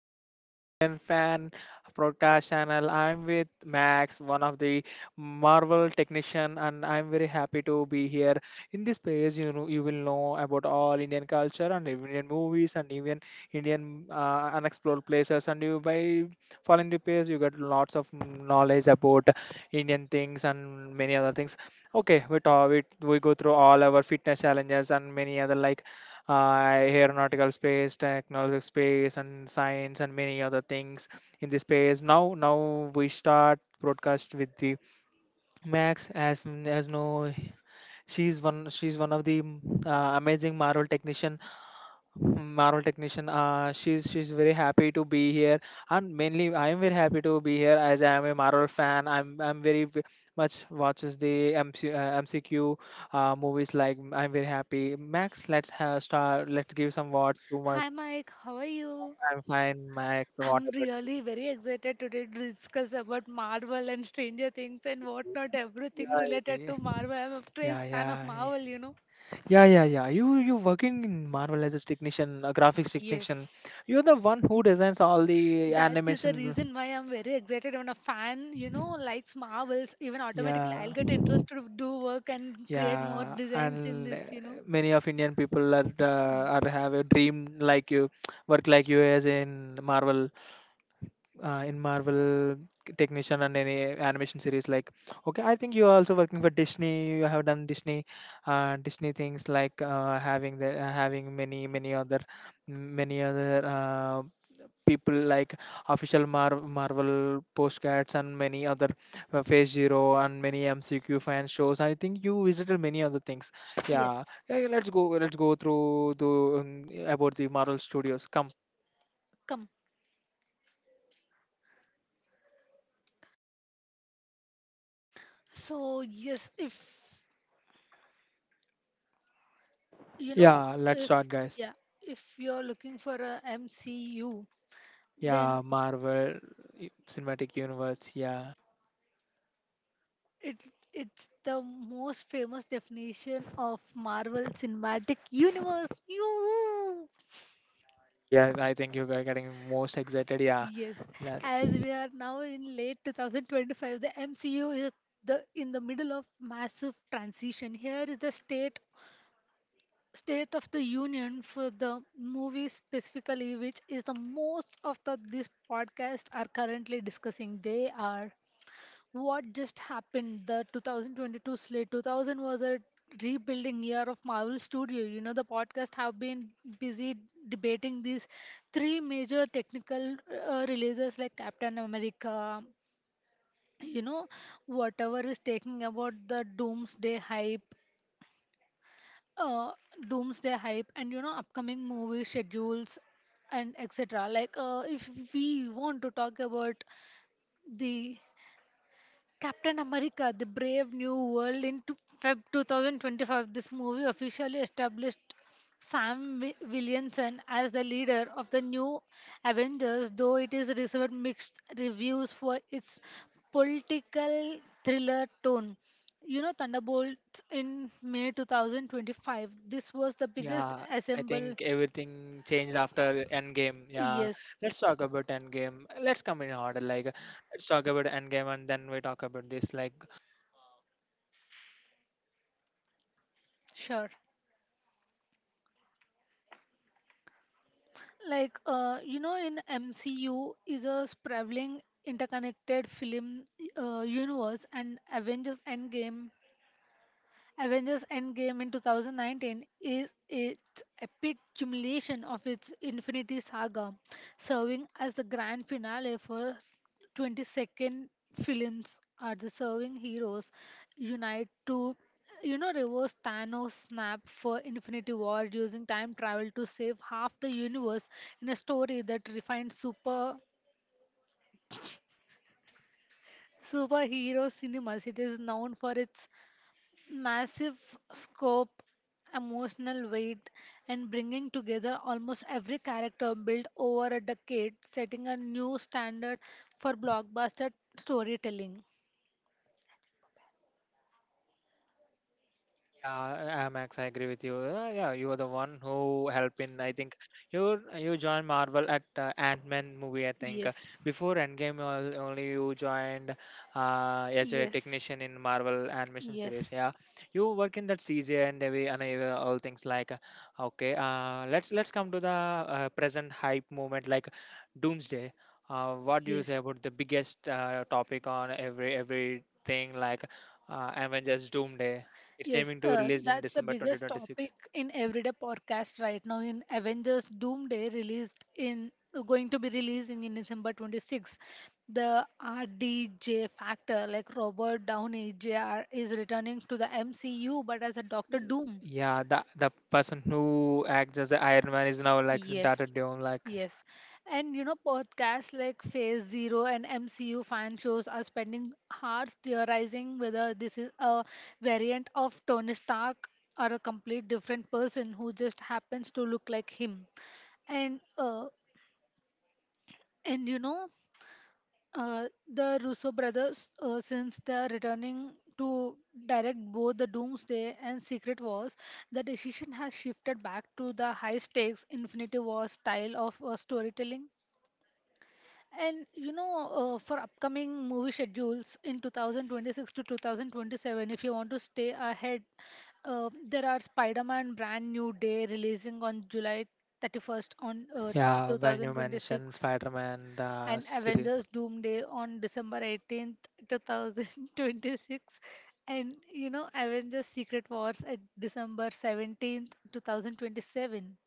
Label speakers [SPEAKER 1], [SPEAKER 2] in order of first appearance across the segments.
[SPEAKER 1] back to Indian Fan Podcast channel. I'm with Max, one of the Marvel technician, and I'm very happy to be here. In this page, you will know about all Indian culture and Indian movies and even Indian unexplored places. And you by following the page, you get lots of knowledge about Indian things and many other things. Okay, we talk, we go through all our fitness challenges and many other like aeronautical space, technology space, and science, and many other things in the space. Now we start broadcast with the Max as no, she's one of the amazing Marvel technician she's very happy to be here, and mainly I am very happy to be here as I am a Marvel fan. I'm very much watches the MCQ movies. Like I'm very happy. Max, let's have start. Let's give some words to Max.
[SPEAKER 2] Hi Mike, how are you?
[SPEAKER 1] I'm fine, Max. What
[SPEAKER 2] I'm
[SPEAKER 1] about
[SPEAKER 2] really very excited today to discuss about Marvel and Stranger Things and whatnot, everything related
[SPEAKER 1] you?
[SPEAKER 2] to Marvel. I'm a crazy
[SPEAKER 1] Yeah,
[SPEAKER 2] fan of
[SPEAKER 1] yeah, yeah.
[SPEAKER 2] Marvel.
[SPEAKER 1] Yeah, yeah, yeah. You working in Marvel as a technician, a graphics technician.
[SPEAKER 2] Yes.
[SPEAKER 1] You're the one who designs all the
[SPEAKER 2] That is the
[SPEAKER 1] animation.
[SPEAKER 2] reason why I'm very excited when a fan, likes Marvels, even automatically
[SPEAKER 1] Yeah.
[SPEAKER 2] I'll get interest to do work and create more
[SPEAKER 1] Yeah,
[SPEAKER 2] designs in
[SPEAKER 1] and
[SPEAKER 2] this.
[SPEAKER 1] many of Indian people are have a dream like you, work like you as in Marvel in Marvel technician and any animation series like okay, I think you are also working for Disney. You have done Disney Disney things like having the having many other many other uh, people like official Marvel postcards and many other Phase Zero and many MCQ fan shows. I think you visited many other things. Yeah,
[SPEAKER 2] Yes.
[SPEAKER 1] yeah, yeah, let's go through the about the Marvel studios come.
[SPEAKER 2] Come. So yes, You know,
[SPEAKER 1] Yeah, let's
[SPEAKER 2] if
[SPEAKER 1] start guys.
[SPEAKER 2] yeah, if you're looking for a MCU, then
[SPEAKER 1] Yeah, Marvel cinematic universe. Yeah.
[SPEAKER 2] it it's the most famous definition of Marvel Cinematic Universe. You.
[SPEAKER 1] Yeah, I think you are getting most excited. Yeah.
[SPEAKER 2] Yes,
[SPEAKER 1] Let's.
[SPEAKER 2] as we are now in late 2025, the MCU is the in the middle of massive transition. Here is the State of the Union for the movie specifically, which is the most of the this podcast are currently discussing. They are what just happened. The 2022 slate, 2000 was a rebuilding year of Marvel Studio. You know the podcast have been busy debating these three major technical releases like Captain America. You know whatever is taking about the uh, doomsday hype and upcoming movie schedules and etc, like if we want to talk about the Captain America: The Brave New World into February 2025. This movie officially established Sam Williamson as the leader of the new Avengers, though it is received mixed reviews for its political thriller tone. You know, Thunderbolts in May 2025. This was the biggest
[SPEAKER 1] Yeah, I
[SPEAKER 2] assemble.
[SPEAKER 1] think everything changed after Endgame. Yeah.
[SPEAKER 2] Yes,
[SPEAKER 1] Let's talk about Endgame. Let's come in order. Like, let's talk about Endgame and then we talk about this. Like,
[SPEAKER 2] sure. Like in MCU is a sprawling interconnected film universe, and Avengers Endgame in 2019 is its epic culmination of its Infinity Saga, serving as the grand finale for 22nd films are the serving heroes unite to reverse Thanos snap for Infinity War using time travel to save half the universe in a story that refines superhero cinemas. It is known for its massive scope, emotional weight, and bringing together almost every character built over a decade, setting a new standard for blockbuster storytelling.
[SPEAKER 1] yeah, Max, I agree with you. Yeah, you are the one who helped in. I think you joined Marvel at Ant Man movie. I think.
[SPEAKER 2] Yes.
[SPEAKER 1] Before Endgame, only you joined as a
[SPEAKER 2] Yes.
[SPEAKER 1] technician in Marvel animation series.
[SPEAKER 2] Yes.
[SPEAKER 1] Yeah, you work in that CGI and all things like. Okay, uh, let's come to the present hype moment like Doomsday. What do you say
[SPEAKER 2] Yes.
[SPEAKER 1] about the biggest topic on everything like Avengers Doomsday? It's
[SPEAKER 2] Yes,
[SPEAKER 1] aiming to release in
[SPEAKER 2] that's the
[SPEAKER 1] December
[SPEAKER 2] biggest
[SPEAKER 1] 2026.
[SPEAKER 2] topic in everyday podcast right now. In Avengers Doomsday, released in going to be releasing in December 26, the RDJ Factor, like Robert Downey Jr., is returning to the MCU, but as a Doctor Doom.
[SPEAKER 1] Yeah, the person who acts as the Iron Man is now like Zendaya
[SPEAKER 2] Yes.
[SPEAKER 1] Dome. Like,
[SPEAKER 2] Yes. And podcasts like Phase Zero and MCU fan shows are spending hours theorizing whether this is a variant of Tony Stark or a complete different person who just happens to look like him. And uh, and the Russo brothers, since they are returning to direct both the Doomsday and Secret Wars, the decision has shifted back to the high stakes Infinity War style of storytelling. And for upcoming movie schedules in 2026 to 2027, if you want to stay ahead, there are Spider-Man Brand New Day releasing on July 31st on
[SPEAKER 1] yeah, when you mention
[SPEAKER 2] 2026,
[SPEAKER 1] Spider-Man, the
[SPEAKER 2] and
[SPEAKER 1] series.
[SPEAKER 2] Avengers Doomsday on December 18th, 2026, and Avengers Secret Wars at December 17th, 2027.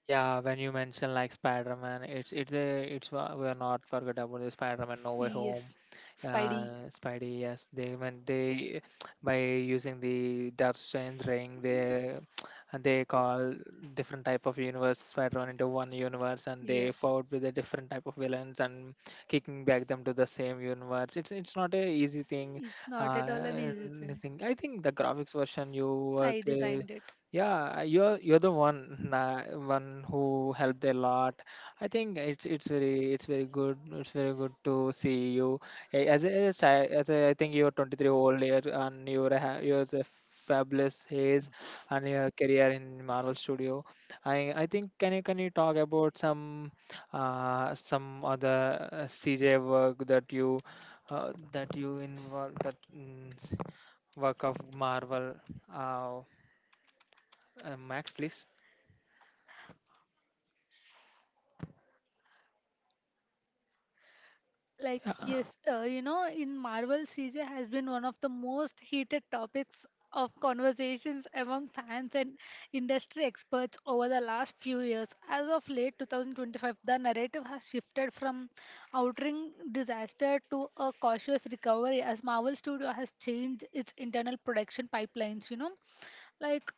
[SPEAKER 1] Yeah, when you mention like Spider-Man, it's a it's we are not forget about the Spider-Man No Way Home.
[SPEAKER 2] Yes. Spidey.
[SPEAKER 1] Spidey, yes, they when they by using the Dark Strange ring, they and they call different type of universe Spider-Man into one universe, and they
[SPEAKER 2] Yes.
[SPEAKER 1] fought with a different type of villains and kicking back them to the same universe. It's not a easy thing.
[SPEAKER 2] It's not at all an
[SPEAKER 1] Uh,
[SPEAKER 2] easy thing.
[SPEAKER 1] Anything. I think the graphics version you work.
[SPEAKER 2] I designed it.
[SPEAKER 1] Yeah, you're the one one who helped a lot. I think it's very good. It's very good to see you. Hey, as a child, as a, I think you're 23 old year and you're a, you're a fabulous haze and your career in Marvel Studio. I think can you talk about some other CJ work that you that you involve work of Marvel uh, Max please.
[SPEAKER 2] Like,
[SPEAKER 1] Yeah,
[SPEAKER 2] yes, in Marvel, CJ has been one of the most heated topics of conversations among fans and industry experts over the last few years. As of late 2025, the narrative has shifted from outering disaster to a cautious recovery, as Marvel Studio has changed its internal production pipelines, like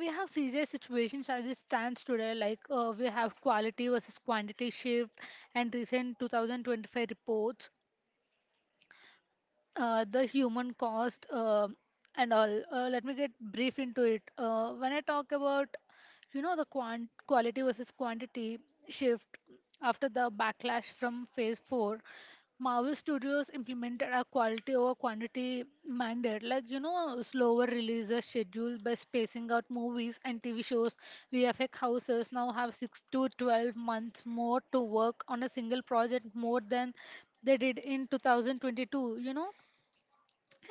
[SPEAKER 2] we have serious situations. As it stands today, like we have quality versus quantity shift and recent 2025 reports, the human cost, and all. Let me get brief into it. When I talk about, the quality versus quantity shift after the backlash from Phase 4, Marvel Studios implemented a quality over quantity mandate, like, slower releases schedule by spacing out movies and TV shows. VFX houses now have 6 to 12 months more to work on a single project more than they did in 2022,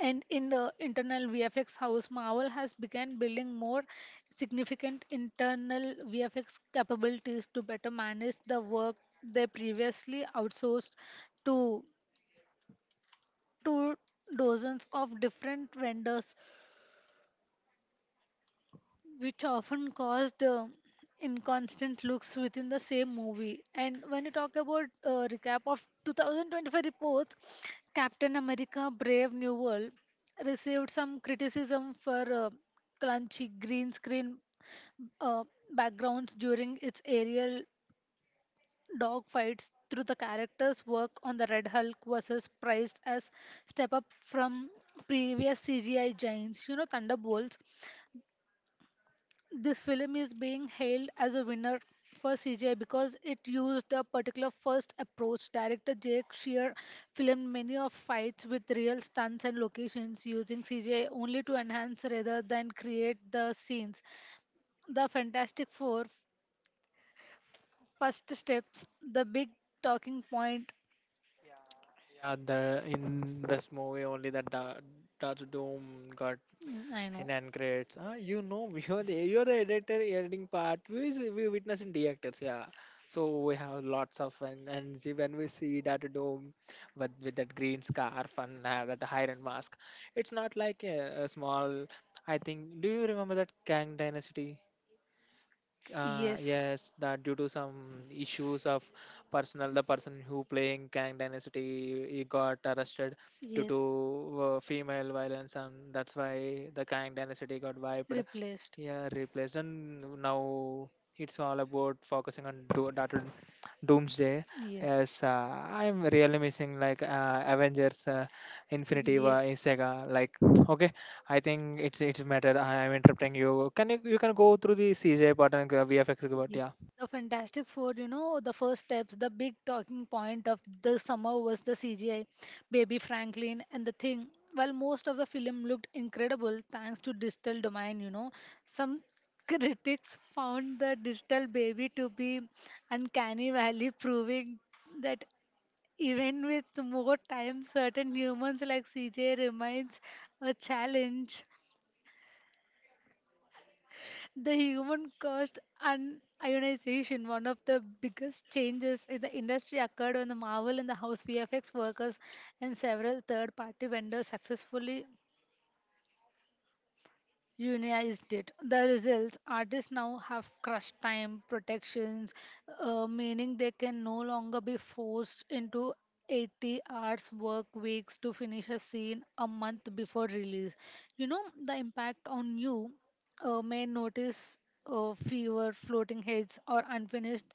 [SPEAKER 2] and in the internal VFX house, Marvel has begun building more significant internal VFX capabilities to better manage the work they previously outsourced to to dozens of different vendors, which often caused inconstant looks within the same movie. And when you talk about recap of 2025 report, Captain America: Brave New World received some criticism for clunky green screen uh, backgrounds during its aerial dogfights. Through the character's work on the Red Hulk versus praised as step up from previous CGI giants, Thunderbolts, this film is being hailed as a winner for CGI because it used a particular first approach. Director Jake Shear filmed many of fights with real stunts and locations using CGI only to enhance rather than create the scenes. The Fantastic Four first steps, the big talking point.
[SPEAKER 1] yeah, the in this movie only that Dark Doom got.
[SPEAKER 2] Mm, I know.
[SPEAKER 1] And Uncredits. Ah, you know, we are the you are the editor editing part. We witness in the actors, yeah. So we have lots of fun, and see when we see that dome with that green scarf and that iron mask, it's not like a small. I think. Do you remember that Kang Dynasty?
[SPEAKER 2] Yes.
[SPEAKER 1] Yes, that due to some issues of personal, the person who playing Kang Dynasty he got arrested due to
[SPEAKER 2] Yes,
[SPEAKER 1] female violence, and that's why the Kang Dynasty got wiped.
[SPEAKER 2] replaced.
[SPEAKER 1] Yeah, replaced, and now it's all about focusing on data Doomsday.
[SPEAKER 2] Yes.
[SPEAKER 1] Yes, I'm really missing like Avengers, Infinity War, in
[SPEAKER 2] Yes.
[SPEAKER 1] Sega. Like, okay. I think it's matter. I am interrupting you. Can you you can go through the CJ part and VFX part?
[SPEAKER 2] Yes,
[SPEAKER 1] Yeah,
[SPEAKER 2] the Fantastic Four, the first steps, the big talking point of the summer was the CGI, Baby Franklin, and the thing. While most of the film looked incredible thanks to digital domain, some critics found the digital baby to be uncanny valley, proving that even with more time, certain humans like CJ remains a challenge. The human cost and ionization, one of the biggest changes in the industry, occurred when the Marvel and the House VFX workers and several third party vendors successfully unionized it. The results artists now have crunch time protections, meaning they can no longer be forced into 80 hours work weeks to finish a scene a month before release. You know, the impact on you may notice fewer floating heads or unfinished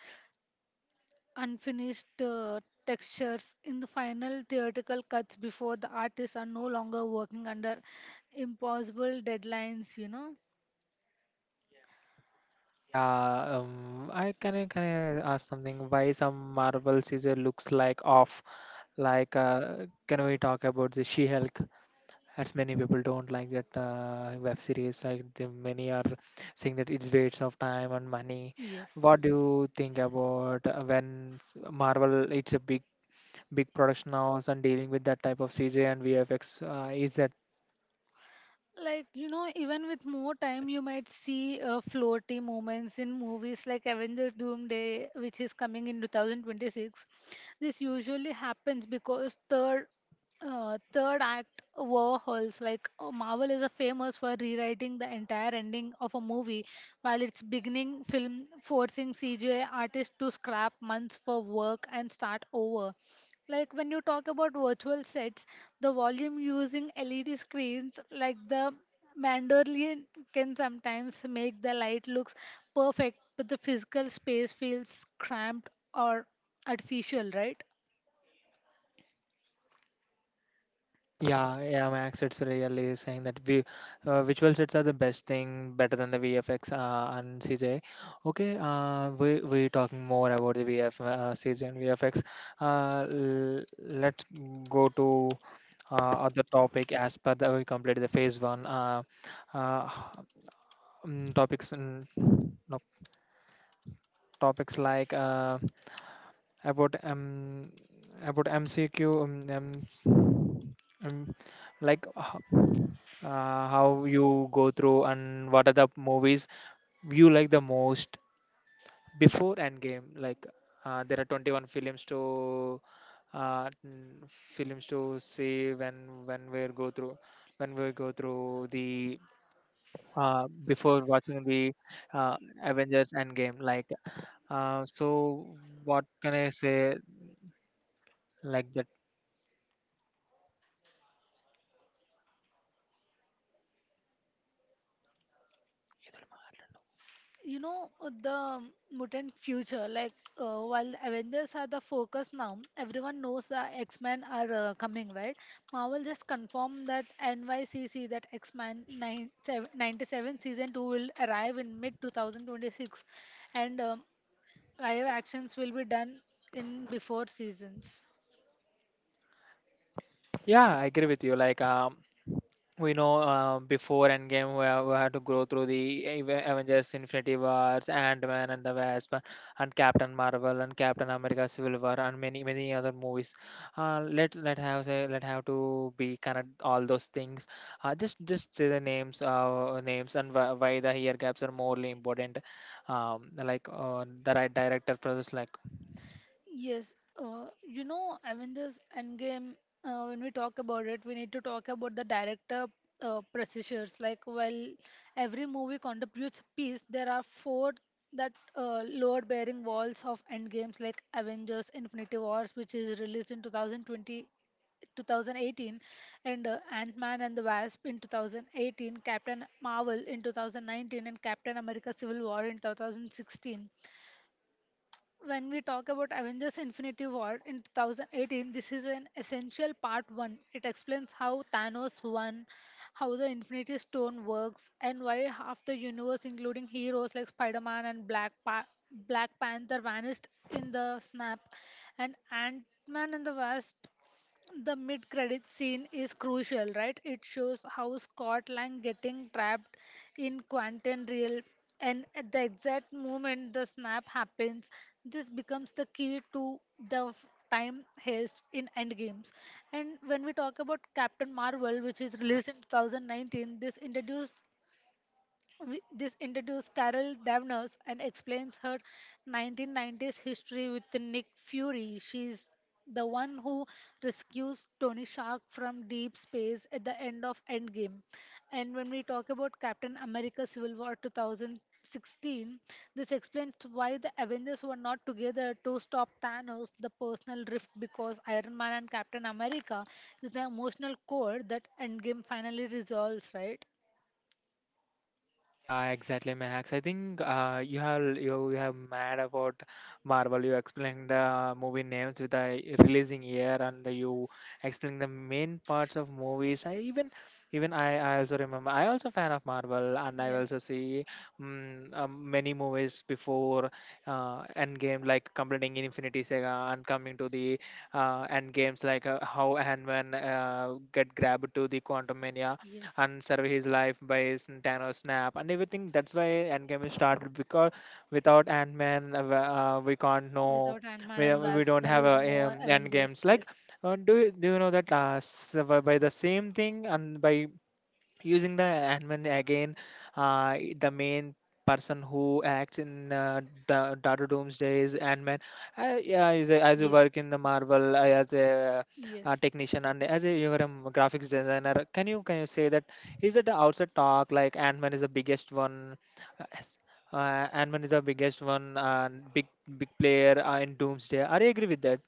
[SPEAKER 2] unfinished uh, textures in the final theatrical cuts, before the artists are no longer working under impossible deadlines.
[SPEAKER 1] yeah. I can I can I ask something. Why some Marvel CJ looks like off? Like, can we talk about the She-Hulk? As many people don't like that web series. Like the many are saying that it's waste of time and money.
[SPEAKER 2] Yes.
[SPEAKER 1] What do you think about Marvel? It's a big production house and dealing with that type of CJ and VFX. Is that.
[SPEAKER 2] Like, even with more time, you might see floaty moments in movies like Avengers Doomsday, which is coming in 2026. This usually happens because third act overhauls, like Marvel is a famous for rewriting the entire ending of a movie while its beginning film, forcing CGI artists to scrap months for work and start over. Like when you talk about virtual sets, the volume using LED screens like the mandolin can sometimes make the light looks perfect, but the physical space feels cramped or artificial, right?
[SPEAKER 1] Yeah, yeah, Max, it's really saying that we visual sets are the best thing, better than the VFX and CJ. Okay, uh, we talking more about the CJ and VFX. L let's go to other topic as per the we completed the phase one. Uh, topics and no, topics like about um about MCQ Um, like how you go through and what are the movies you like the most before Endgame? Like there are 21 films to films to see when we go through when we go through the before watching the uh, Avengers Endgame. Like so, what can I say? Like that.
[SPEAKER 2] you know the mutant future, like while Avengers are the focus now, everyone knows the X-Men are coming, right? Marvel just confirmed that NYCC that X-Men '97 season 2 will arrive in mid 2026, and live actions will be done in before seasons.
[SPEAKER 1] Yeah, I agree with you. Like we know before Endgame we have, we had to go through the Avengers Infinity Wars, Ant-Man and the Wasp, and Captain Marvel and Captain America Civil War and many other movies. Let let have say let have to be connect all those things. Just say the names names and why the year gaps are morely important. The right director process like.
[SPEAKER 2] Yes, Avengers Endgame, when we talk about it, we need to talk about the director pressures. Like, while every movie contributes a piece, there are four that load bearing walls of Endgames, like Avengers Infinity Wars, which is released in 2018, and Ant-Man and the Wasp in 2018, Captain Marvel in 2019, and Captain America Civil War in 2016. When we talk about Avengers Infinity War in 2018, this is an essential part one. It explains how Thanos won, how the Infinity Stone works, and why half the universe, including heroes like Spider Man and Black Panther, vanished in the snap. And Ant Man and the Wasp, the mid credit scene is crucial, right? It shows how Scott Lang getting trapped in Quantum Real and at the exact moment the snap happens, this becomes the key to the time heist in Endgames. And when we talk about Captain Marvel, which is released in 2019, this introduces Carol Danvers and explains her 1990s history with Nick Fury. She's the one who rescues Tony Stark from deep space at the end of Endgame. And when we talk about Captain America Civil War 2016, this explains why the Avengers were not together to stop Thanos, the personal rift, because Iron Man and Captain America is the emotional core that Endgame finally resolves, right?
[SPEAKER 1] Yeah, exactly, Max. I think you have mad about Marvel. You explained the movie names with the releasing year, and you explained the main parts of movies. I also remember. I also fan of Marvel, and I also
[SPEAKER 2] Yes.
[SPEAKER 1] see many movies before Endgame, like completing Infinity Saga and coming to the Endgames, like how Ant-Man get grabbed to the Quantum
[SPEAKER 2] Yes.
[SPEAKER 1] and survey his life by his Thanos snap and everything. That's why Endgame is started because without Ant Man, we can't know.
[SPEAKER 2] Without Ant-Man
[SPEAKER 1] We,
[SPEAKER 2] and
[SPEAKER 1] we
[SPEAKER 2] Wasp,
[SPEAKER 1] don't
[SPEAKER 2] there
[SPEAKER 1] have
[SPEAKER 2] is
[SPEAKER 1] a
[SPEAKER 2] no Avengers.
[SPEAKER 1] Endgames. Like, do you know that by the same thing and by using the admin again the main person who acts in Data Doomsday's
[SPEAKER 2] Yes.
[SPEAKER 1] Ant-Man. Yeah, is a, as you
[SPEAKER 2] Yes.
[SPEAKER 1] work in the Marvel as a
[SPEAKER 2] Yes.
[SPEAKER 1] technician and as a you're a graphics designer, can you say that is it the outside talk like Ant-Man is the biggest one uh, s- Ant-Man is the biggest one big big player in Doomsday, are you agree with that.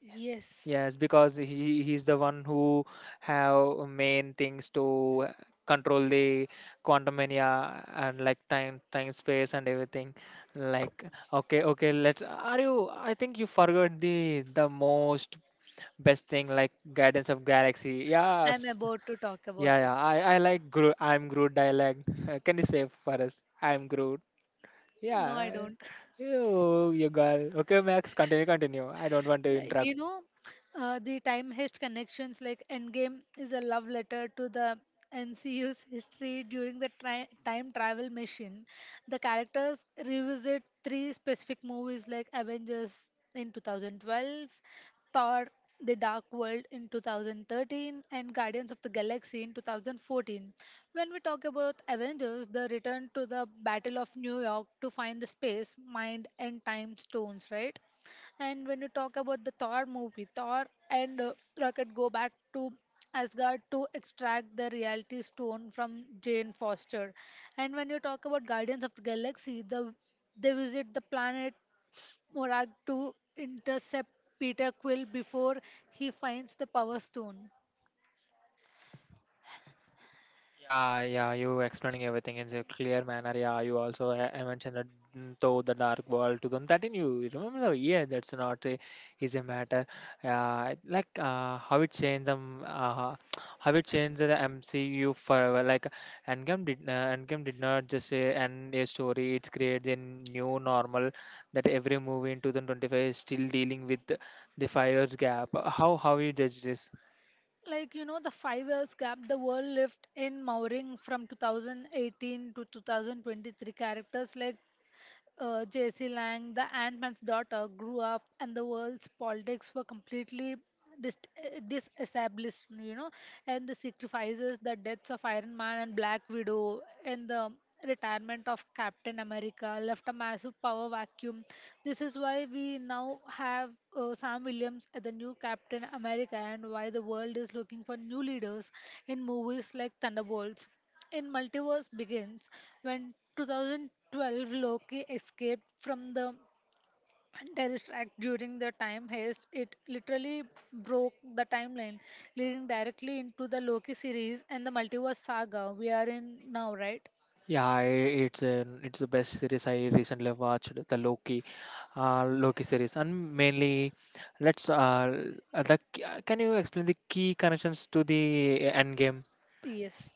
[SPEAKER 2] Yes.
[SPEAKER 1] Yes, because he's the one who have main things to control the quantum mania and like time space and everything. Like okay, let's are you. I think you forgot the most best thing like Guardians of Galaxy.
[SPEAKER 2] I'm
[SPEAKER 1] Yes.
[SPEAKER 2] about to talk about
[SPEAKER 1] Yeah
[SPEAKER 2] it.
[SPEAKER 1] yeah, I like Groot, I'm Groot dialogue. Can you say for us? I'm Groot.
[SPEAKER 2] No, I
[SPEAKER 1] Yeah.
[SPEAKER 2] don't.
[SPEAKER 1] You got okay, Max, continue continue. I don't want to
[SPEAKER 2] Like
[SPEAKER 1] interrupt.
[SPEAKER 2] the time heist connections, like Endgame is a love letter to the MCU's history. During the tri- time travel mission, the characters revisit three specific movies, like Avengers in 2012, Thor The Dark World in 2013, and Guardians of the Galaxy in 2014. When we talk about Avengers, the return to the battle of New York to find the space mind and time stones, right? And when you talk about the Thor movie, Thor and Rocket go back to Asgard to extract the reality stone from Jane Foster. And when you talk about Guardians of the Galaxy, they visit the planet Morag to intercept Peter Quill before he finds the Power Stone.
[SPEAKER 1] Yeah, yeah, you explaining everything in a clear manner. Yeah, you also mentioned that though the dark world 2013, you remember the year that's not a, is a matter. Like how it changed them, how it changed the MCU forever. Like Endgame did not just end a story. It's created a new normal that every movie in 2025 is still dealing with the 5 years gap. How you judge this?
[SPEAKER 2] Like the 5 years gap the world lived in Mowring from 2018 to 2023. Characters like J.C. Lang, the Ant-Man's daughter, grew up and the world's politics were completely disestablished, and the sacrifices, the deaths of Iron Man and Black Widow, and the retirement of Captain America left a massive power vacuum. This is why we now have Sam Williams as the new Captain America and why the world is looking for new leaders in movies like Thunderbolts. In Multiverse Begins, when 2012 Loki escaped from the terrorist act during the time heist, it literally broke the timeline, leading directly into the Loki series and the multiverse saga we are in now, right?
[SPEAKER 1] Yeah, it's it's the best series I recently watched, the Loki, Loki series, and mainly, let's can you explain the key connections to the Endgame?
[SPEAKER 2] Yes.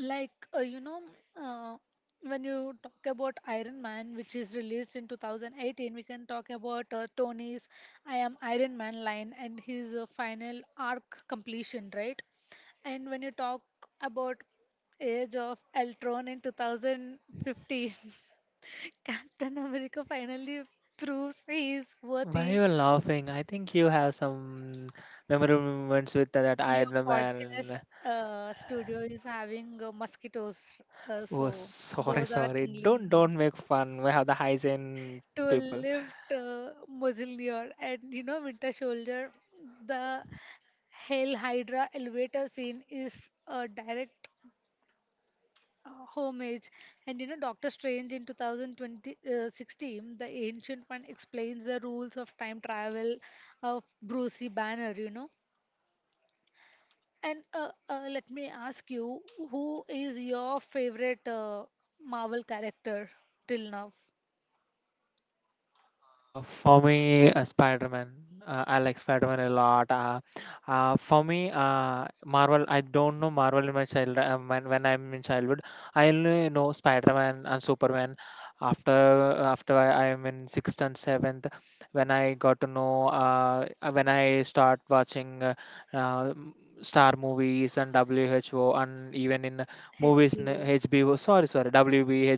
[SPEAKER 2] Like, uh, when you talk about Iron Man, which is released in 2018, we can talk about Tony's I Am Iron Man line and his final arc completion, right? And when you talk about Age of Ultron in 2015, Captain America finally proves he is
[SPEAKER 1] Why
[SPEAKER 2] worthy.
[SPEAKER 1] you are laughing? I think you have some memorable moments with that
[SPEAKER 2] Your
[SPEAKER 1] Iron Man.
[SPEAKER 2] podcast studio is having mosquitoes,
[SPEAKER 1] Oh,
[SPEAKER 2] so
[SPEAKER 1] sorry,
[SPEAKER 2] those are
[SPEAKER 1] sorry.
[SPEAKER 2] tingling
[SPEAKER 1] Don't
[SPEAKER 2] me.
[SPEAKER 1] don't make fun. We have the hygiene
[SPEAKER 2] To
[SPEAKER 1] people.
[SPEAKER 2] lift Mausoleum and Winter Soldier. The Hail Hydra elevator scene is a direct homage, and Doctor Strange in 2020 , 16, the Ancient One explains the rules of time travel of Brucey Banner. And let me ask you, who is your favorite Marvel character till now?
[SPEAKER 1] For me, Spider-Man. I like Spider-Man a lot. For me, Marvel. I don't know Marvel in my child. When I'm in childhood, I only know Spider-Man and Superman. After after I am in sixth and seventh, when I got to know, when I start watching uh, m- Star movies and WHO and even in movies in
[SPEAKER 2] HBO.
[SPEAKER 1] HBO. Sorry, WB,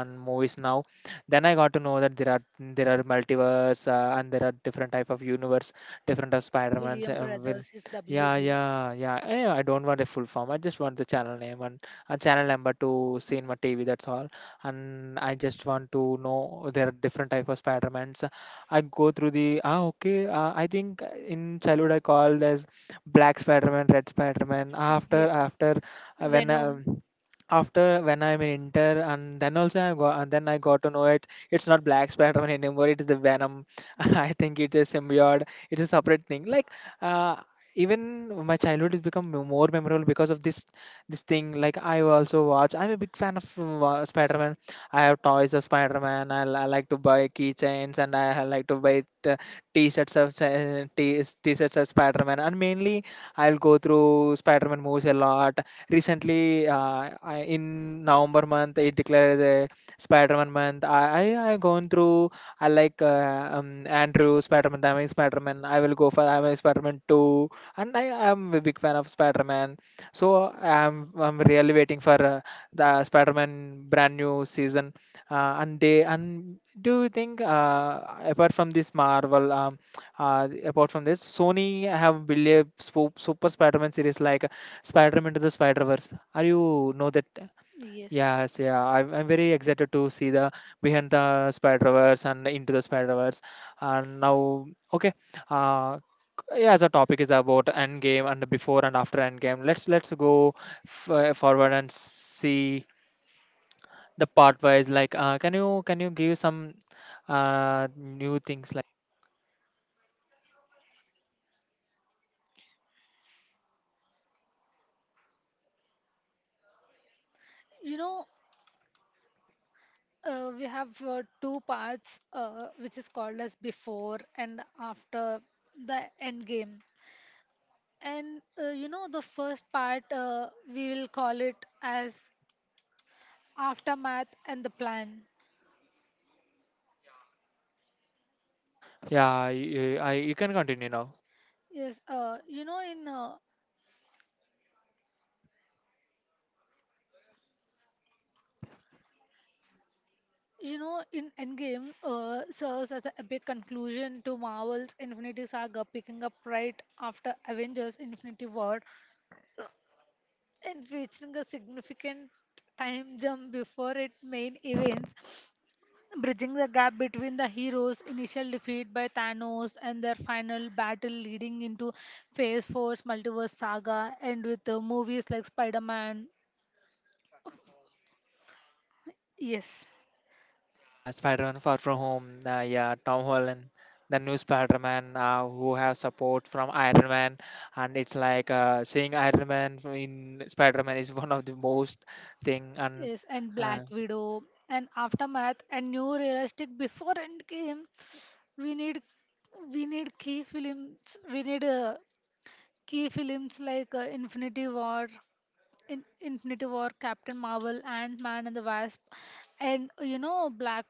[SPEAKER 1] and movies now. Then I got to know that there are multiverse, and there are different type of universe, different of spider-man's
[SPEAKER 2] William
[SPEAKER 1] will
[SPEAKER 2] Brothers is
[SPEAKER 1] yeah,
[SPEAKER 2] WB.
[SPEAKER 1] yeah, yeah. I don't want a full form, I just want the channel name and a channel number to see in my tv. That's all. And I just want to know there are different type of spider-mans. I go through the okay. I think in childhood I called as black spider-man, red spider-man. after
[SPEAKER 2] Yes.
[SPEAKER 1] after uh, when
[SPEAKER 2] Venom.
[SPEAKER 1] um after when I'm in Inter, and then I got to know it. It's not Black Spider-Man anymore. It is the Venom.
[SPEAKER 2] Yes.
[SPEAKER 1] I think it is symbiote. It is a separate thing. Like, uh, even my childhood has become more memorable because of this thing. Like I also watch. I'm a big fan of Spider-Man. I have toys of Spider-Man. I like to buy keychains and I like to buy t-shirts of Spider-Man. And mainly I'll go through Spider-Man movies a lot recently. In november month it declared a spider-man month. I gone through. I like andrew spider-man, I'm a spider-man, I will go for I'm a spider-man 2, and I am a big fan of spider-man. So I'm really waiting for the spider-man brand new season. And do you think apart from this marvel, apart from this sony have built a super spider-man series like Spider-Man to the Spider-Verse. Are you know that?
[SPEAKER 2] Yes.
[SPEAKER 1] Yes, yeah. I'm very excited to see the behind the Spider-Verse and into the Spider-Verse. And now, okay. Uh, yeah, the topic is about Endgame and the before and after Endgame. Let's go forward and see the part wise. Like, can you give some new things like?
[SPEAKER 2] You know, we have two parts, which is called as before and after the end game. And the first part we will call it as aftermath and the plan.
[SPEAKER 1] Yeah, you can continue now.
[SPEAKER 2] Yes. In Endgame serves as the epic conclusion to Marvel's Infinity Saga, picking up right after Avengers Infinity War and featuring a significant time jump before its main events, bridging the gap between the heroes' initial defeat by Thanos and their final battle leading into Phase Four's multiverse saga, and with movies like Spider Man. Yes.
[SPEAKER 1] Spider-Man Far From Home, yeah, Tom Holland, the new Spider-Man who have support from Iron Man, and it's like seeing Iron Man in Spider-Man is one of the most thing, and
[SPEAKER 2] Yes, and
[SPEAKER 1] uh,
[SPEAKER 2] Black Widow and Aftermath and new realistic before Endgame. We need we need key films. We need key films like Infinity War, Captain Marvel, Ant Man and the Wasp, and Black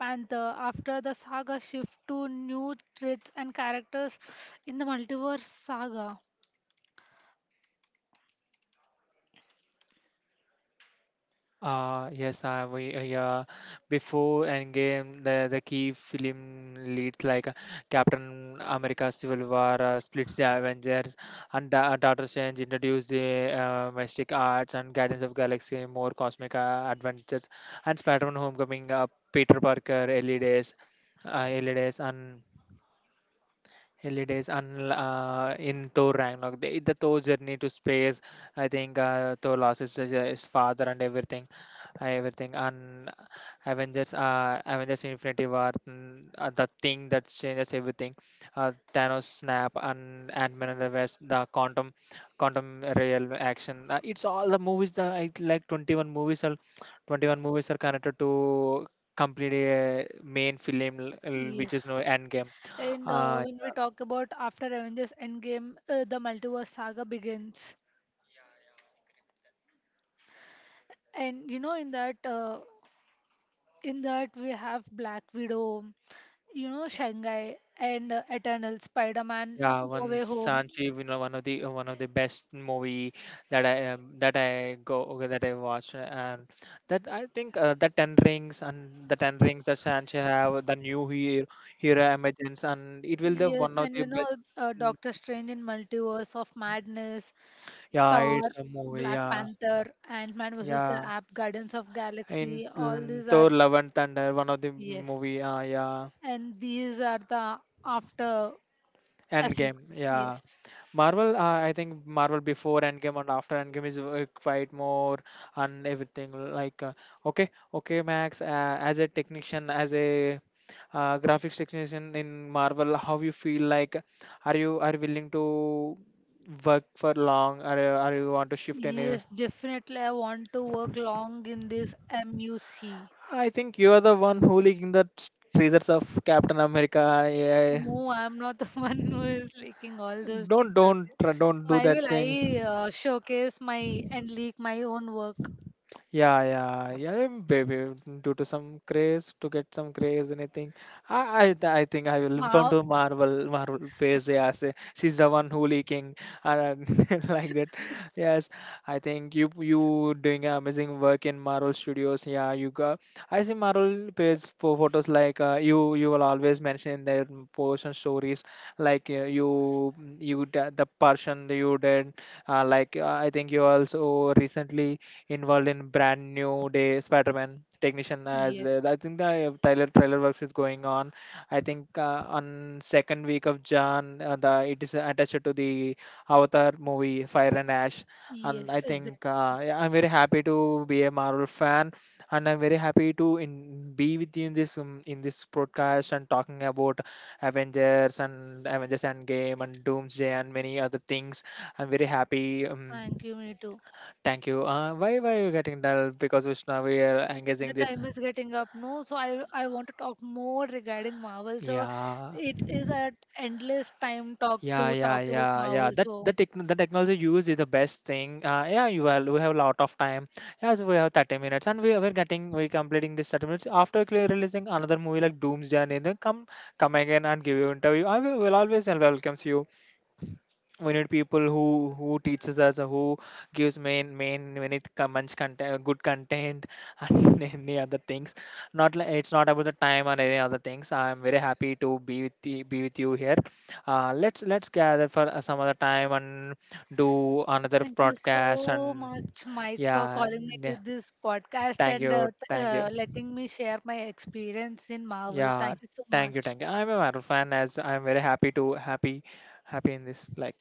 [SPEAKER 2] Panther. After the saga shift to new threats and characters in the multiverse saga.
[SPEAKER 1] Yes, I we yeah. Before Endgame, the key film leads like Captain America: Civil War splits the Avengers, and Doctor Strange introduced the mystic arts and Guardians of Galaxy more cosmic adventures, and Spider-Man: Homecoming, Peter Parker, early days, and Holidays un in Thor Ragnarok, the Thor journey to space. I think Thor lost his father and everything, And Avengers Infinity War, the thing that changes everything. Thanos snap and Ant-Man and the West, quantum real action. It's all the movies that I like. 21 movies are connected to complete a main film, which is
[SPEAKER 2] Yes.
[SPEAKER 1] no End Game.
[SPEAKER 2] And
[SPEAKER 1] Uh,
[SPEAKER 2] when we talk about after Avengers Endgame, the multiverse saga begins. And in that we have Black Widow, Shanghai, and Eternal Spider-Man,
[SPEAKER 1] Yeah,
[SPEAKER 2] No
[SPEAKER 1] one
[SPEAKER 2] Way Home.
[SPEAKER 1] Sanjeev, one of the best movie that I watched and that I think the Ten Rings that Sanjeev have the new hero emergence, and it will the one
[SPEAKER 2] Yes,
[SPEAKER 1] of
[SPEAKER 2] and
[SPEAKER 1] the best. mm,
[SPEAKER 2] Doctor Strange in Multiverse of Madness,
[SPEAKER 1] Yeah,
[SPEAKER 2] Thor,
[SPEAKER 1] it's a movie.
[SPEAKER 2] Black
[SPEAKER 1] Yeah,
[SPEAKER 2] Panther, Ant Man versus the
[SPEAKER 1] yeah.
[SPEAKER 2] App, Guardians of
[SPEAKER 1] In
[SPEAKER 2] Galaxy, all these are,
[SPEAKER 1] Thor: Love and Thunder, one of the
[SPEAKER 2] yes,
[SPEAKER 1] movie. Yeah,
[SPEAKER 2] and these are the after
[SPEAKER 1] Endgame,
[SPEAKER 2] effects.
[SPEAKER 1] yeah.
[SPEAKER 2] Yes,
[SPEAKER 1] Marvel, I think Marvel before Endgame and after Endgame is quite more and everything like okay, okay, Max. As a technician, as a graphics technician in Marvel, how you feel like? Are you willing to work for long? Are you want to shift any?
[SPEAKER 2] yes, definitely. I want to work long in this MUC.
[SPEAKER 1] I think you are the one who leaking the treasures of Captain America. Yeah.
[SPEAKER 2] No, I'm not the one who is leaking all those things. Okay,
[SPEAKER 1] Don't do
[SPEAKER 2] why
[SPEAKER 1] that
[SPEAKER 2] will
[SPEAKER 1] things.
[SPEAKER 2] I showcase my and leak my own work?
[SPEAKER 1] Yeah, yeah, yeah, baby. Due to some craze, to get some craze, anything. I think I will inform
[SPEAKER 2] Wow.
[SPEAKER 1] to Marvel, face. Yeah, say, she's the one who leaking, uh, like that. Yes, I think you doing amazing work in Marvel Studios. Yeah, you got. I see Marvel page for photos like you will always mention in their portion stories like the person that you did. Like I think you also recently involved in brand new day Spider-Man technician as
[SPEAKER 2] Yes.
[SPEAKER 1] I think the Tyler trailer works is going on. I think on second week of Jan, the it is attached to the Avatar movie Fire and Ash, and I
[SPEAKER 2] Yes, exactly.
[SPEAKER 1] think yeah, I'm very happy to be a Marvel fan, and I'm very happy be with you in this broadcast and talking about Avengers and Avengers Endgame and Doomsday and many other things. I'm very happy.
[SPEAKER 2] Thank you, me too.
[SPEAKER 1] Thank you. Why you getting dull? Because Vishnu, we are engaging
[SPEAKER 2] The
[SPEAKER 1] this.
[SPEAKER 2] time is getting up, no? So I want to talk more regarding Marvel. So
[SPEAKER 1] Yeah.
[SPEAKER 2] it is an endless time talk
[SPEAKER 1] Yeah,
[SPEAKER 2] to
[SPEAKER 1] yeah,
[SPEAKER 2] talk about
[SPEAKER 1] yeah, yeah.
[SPEAKER 2] Marvel.
[SPEAKER 1] That
[SPEAKER 2] So
[SPEAKER 1] the tech the technology used is the best thing. Yeah, you have we have a lot of time. Yes, we have 30 minutes, and we we're getting we completing this 30 minutes after clear releasing another movie like Doomsday. And then come again and give you interview. I will always welcomes you. We need people who teaches us who gives main main much content, good content, and any other things. Not like it's not about the time or any other things. I'm very happy to be with the, be with you here. Let's gather for some other time and do another
[SPEAKER 2] thank you
[SPEAKER 1] broadcast.
[SPEAKER 2] so
[SPEAKER 1] And
[SPEAKER 2] much, Mike, for
[SPEAKER 1] yeah,
[SPEAKER 2] calling me
[SPEAKER 1] yeah,
[SPEAKER 2] to this podcast
[SPEAKER 1] thank
[SPEAKER 2] and
[SPEAKER 1] you, thank you.
[SPEAKER 2] letting me share my experience in Marvel.
[SPEAKER 1] Yeah,
[SPEAKER 2] Thank you so
[SPEAKER 1] thank you,
[SPEAKER 2] much.
[SPEAKER 1] thank you. I'm a Marvel fan as I'm very happy to happy happy in this like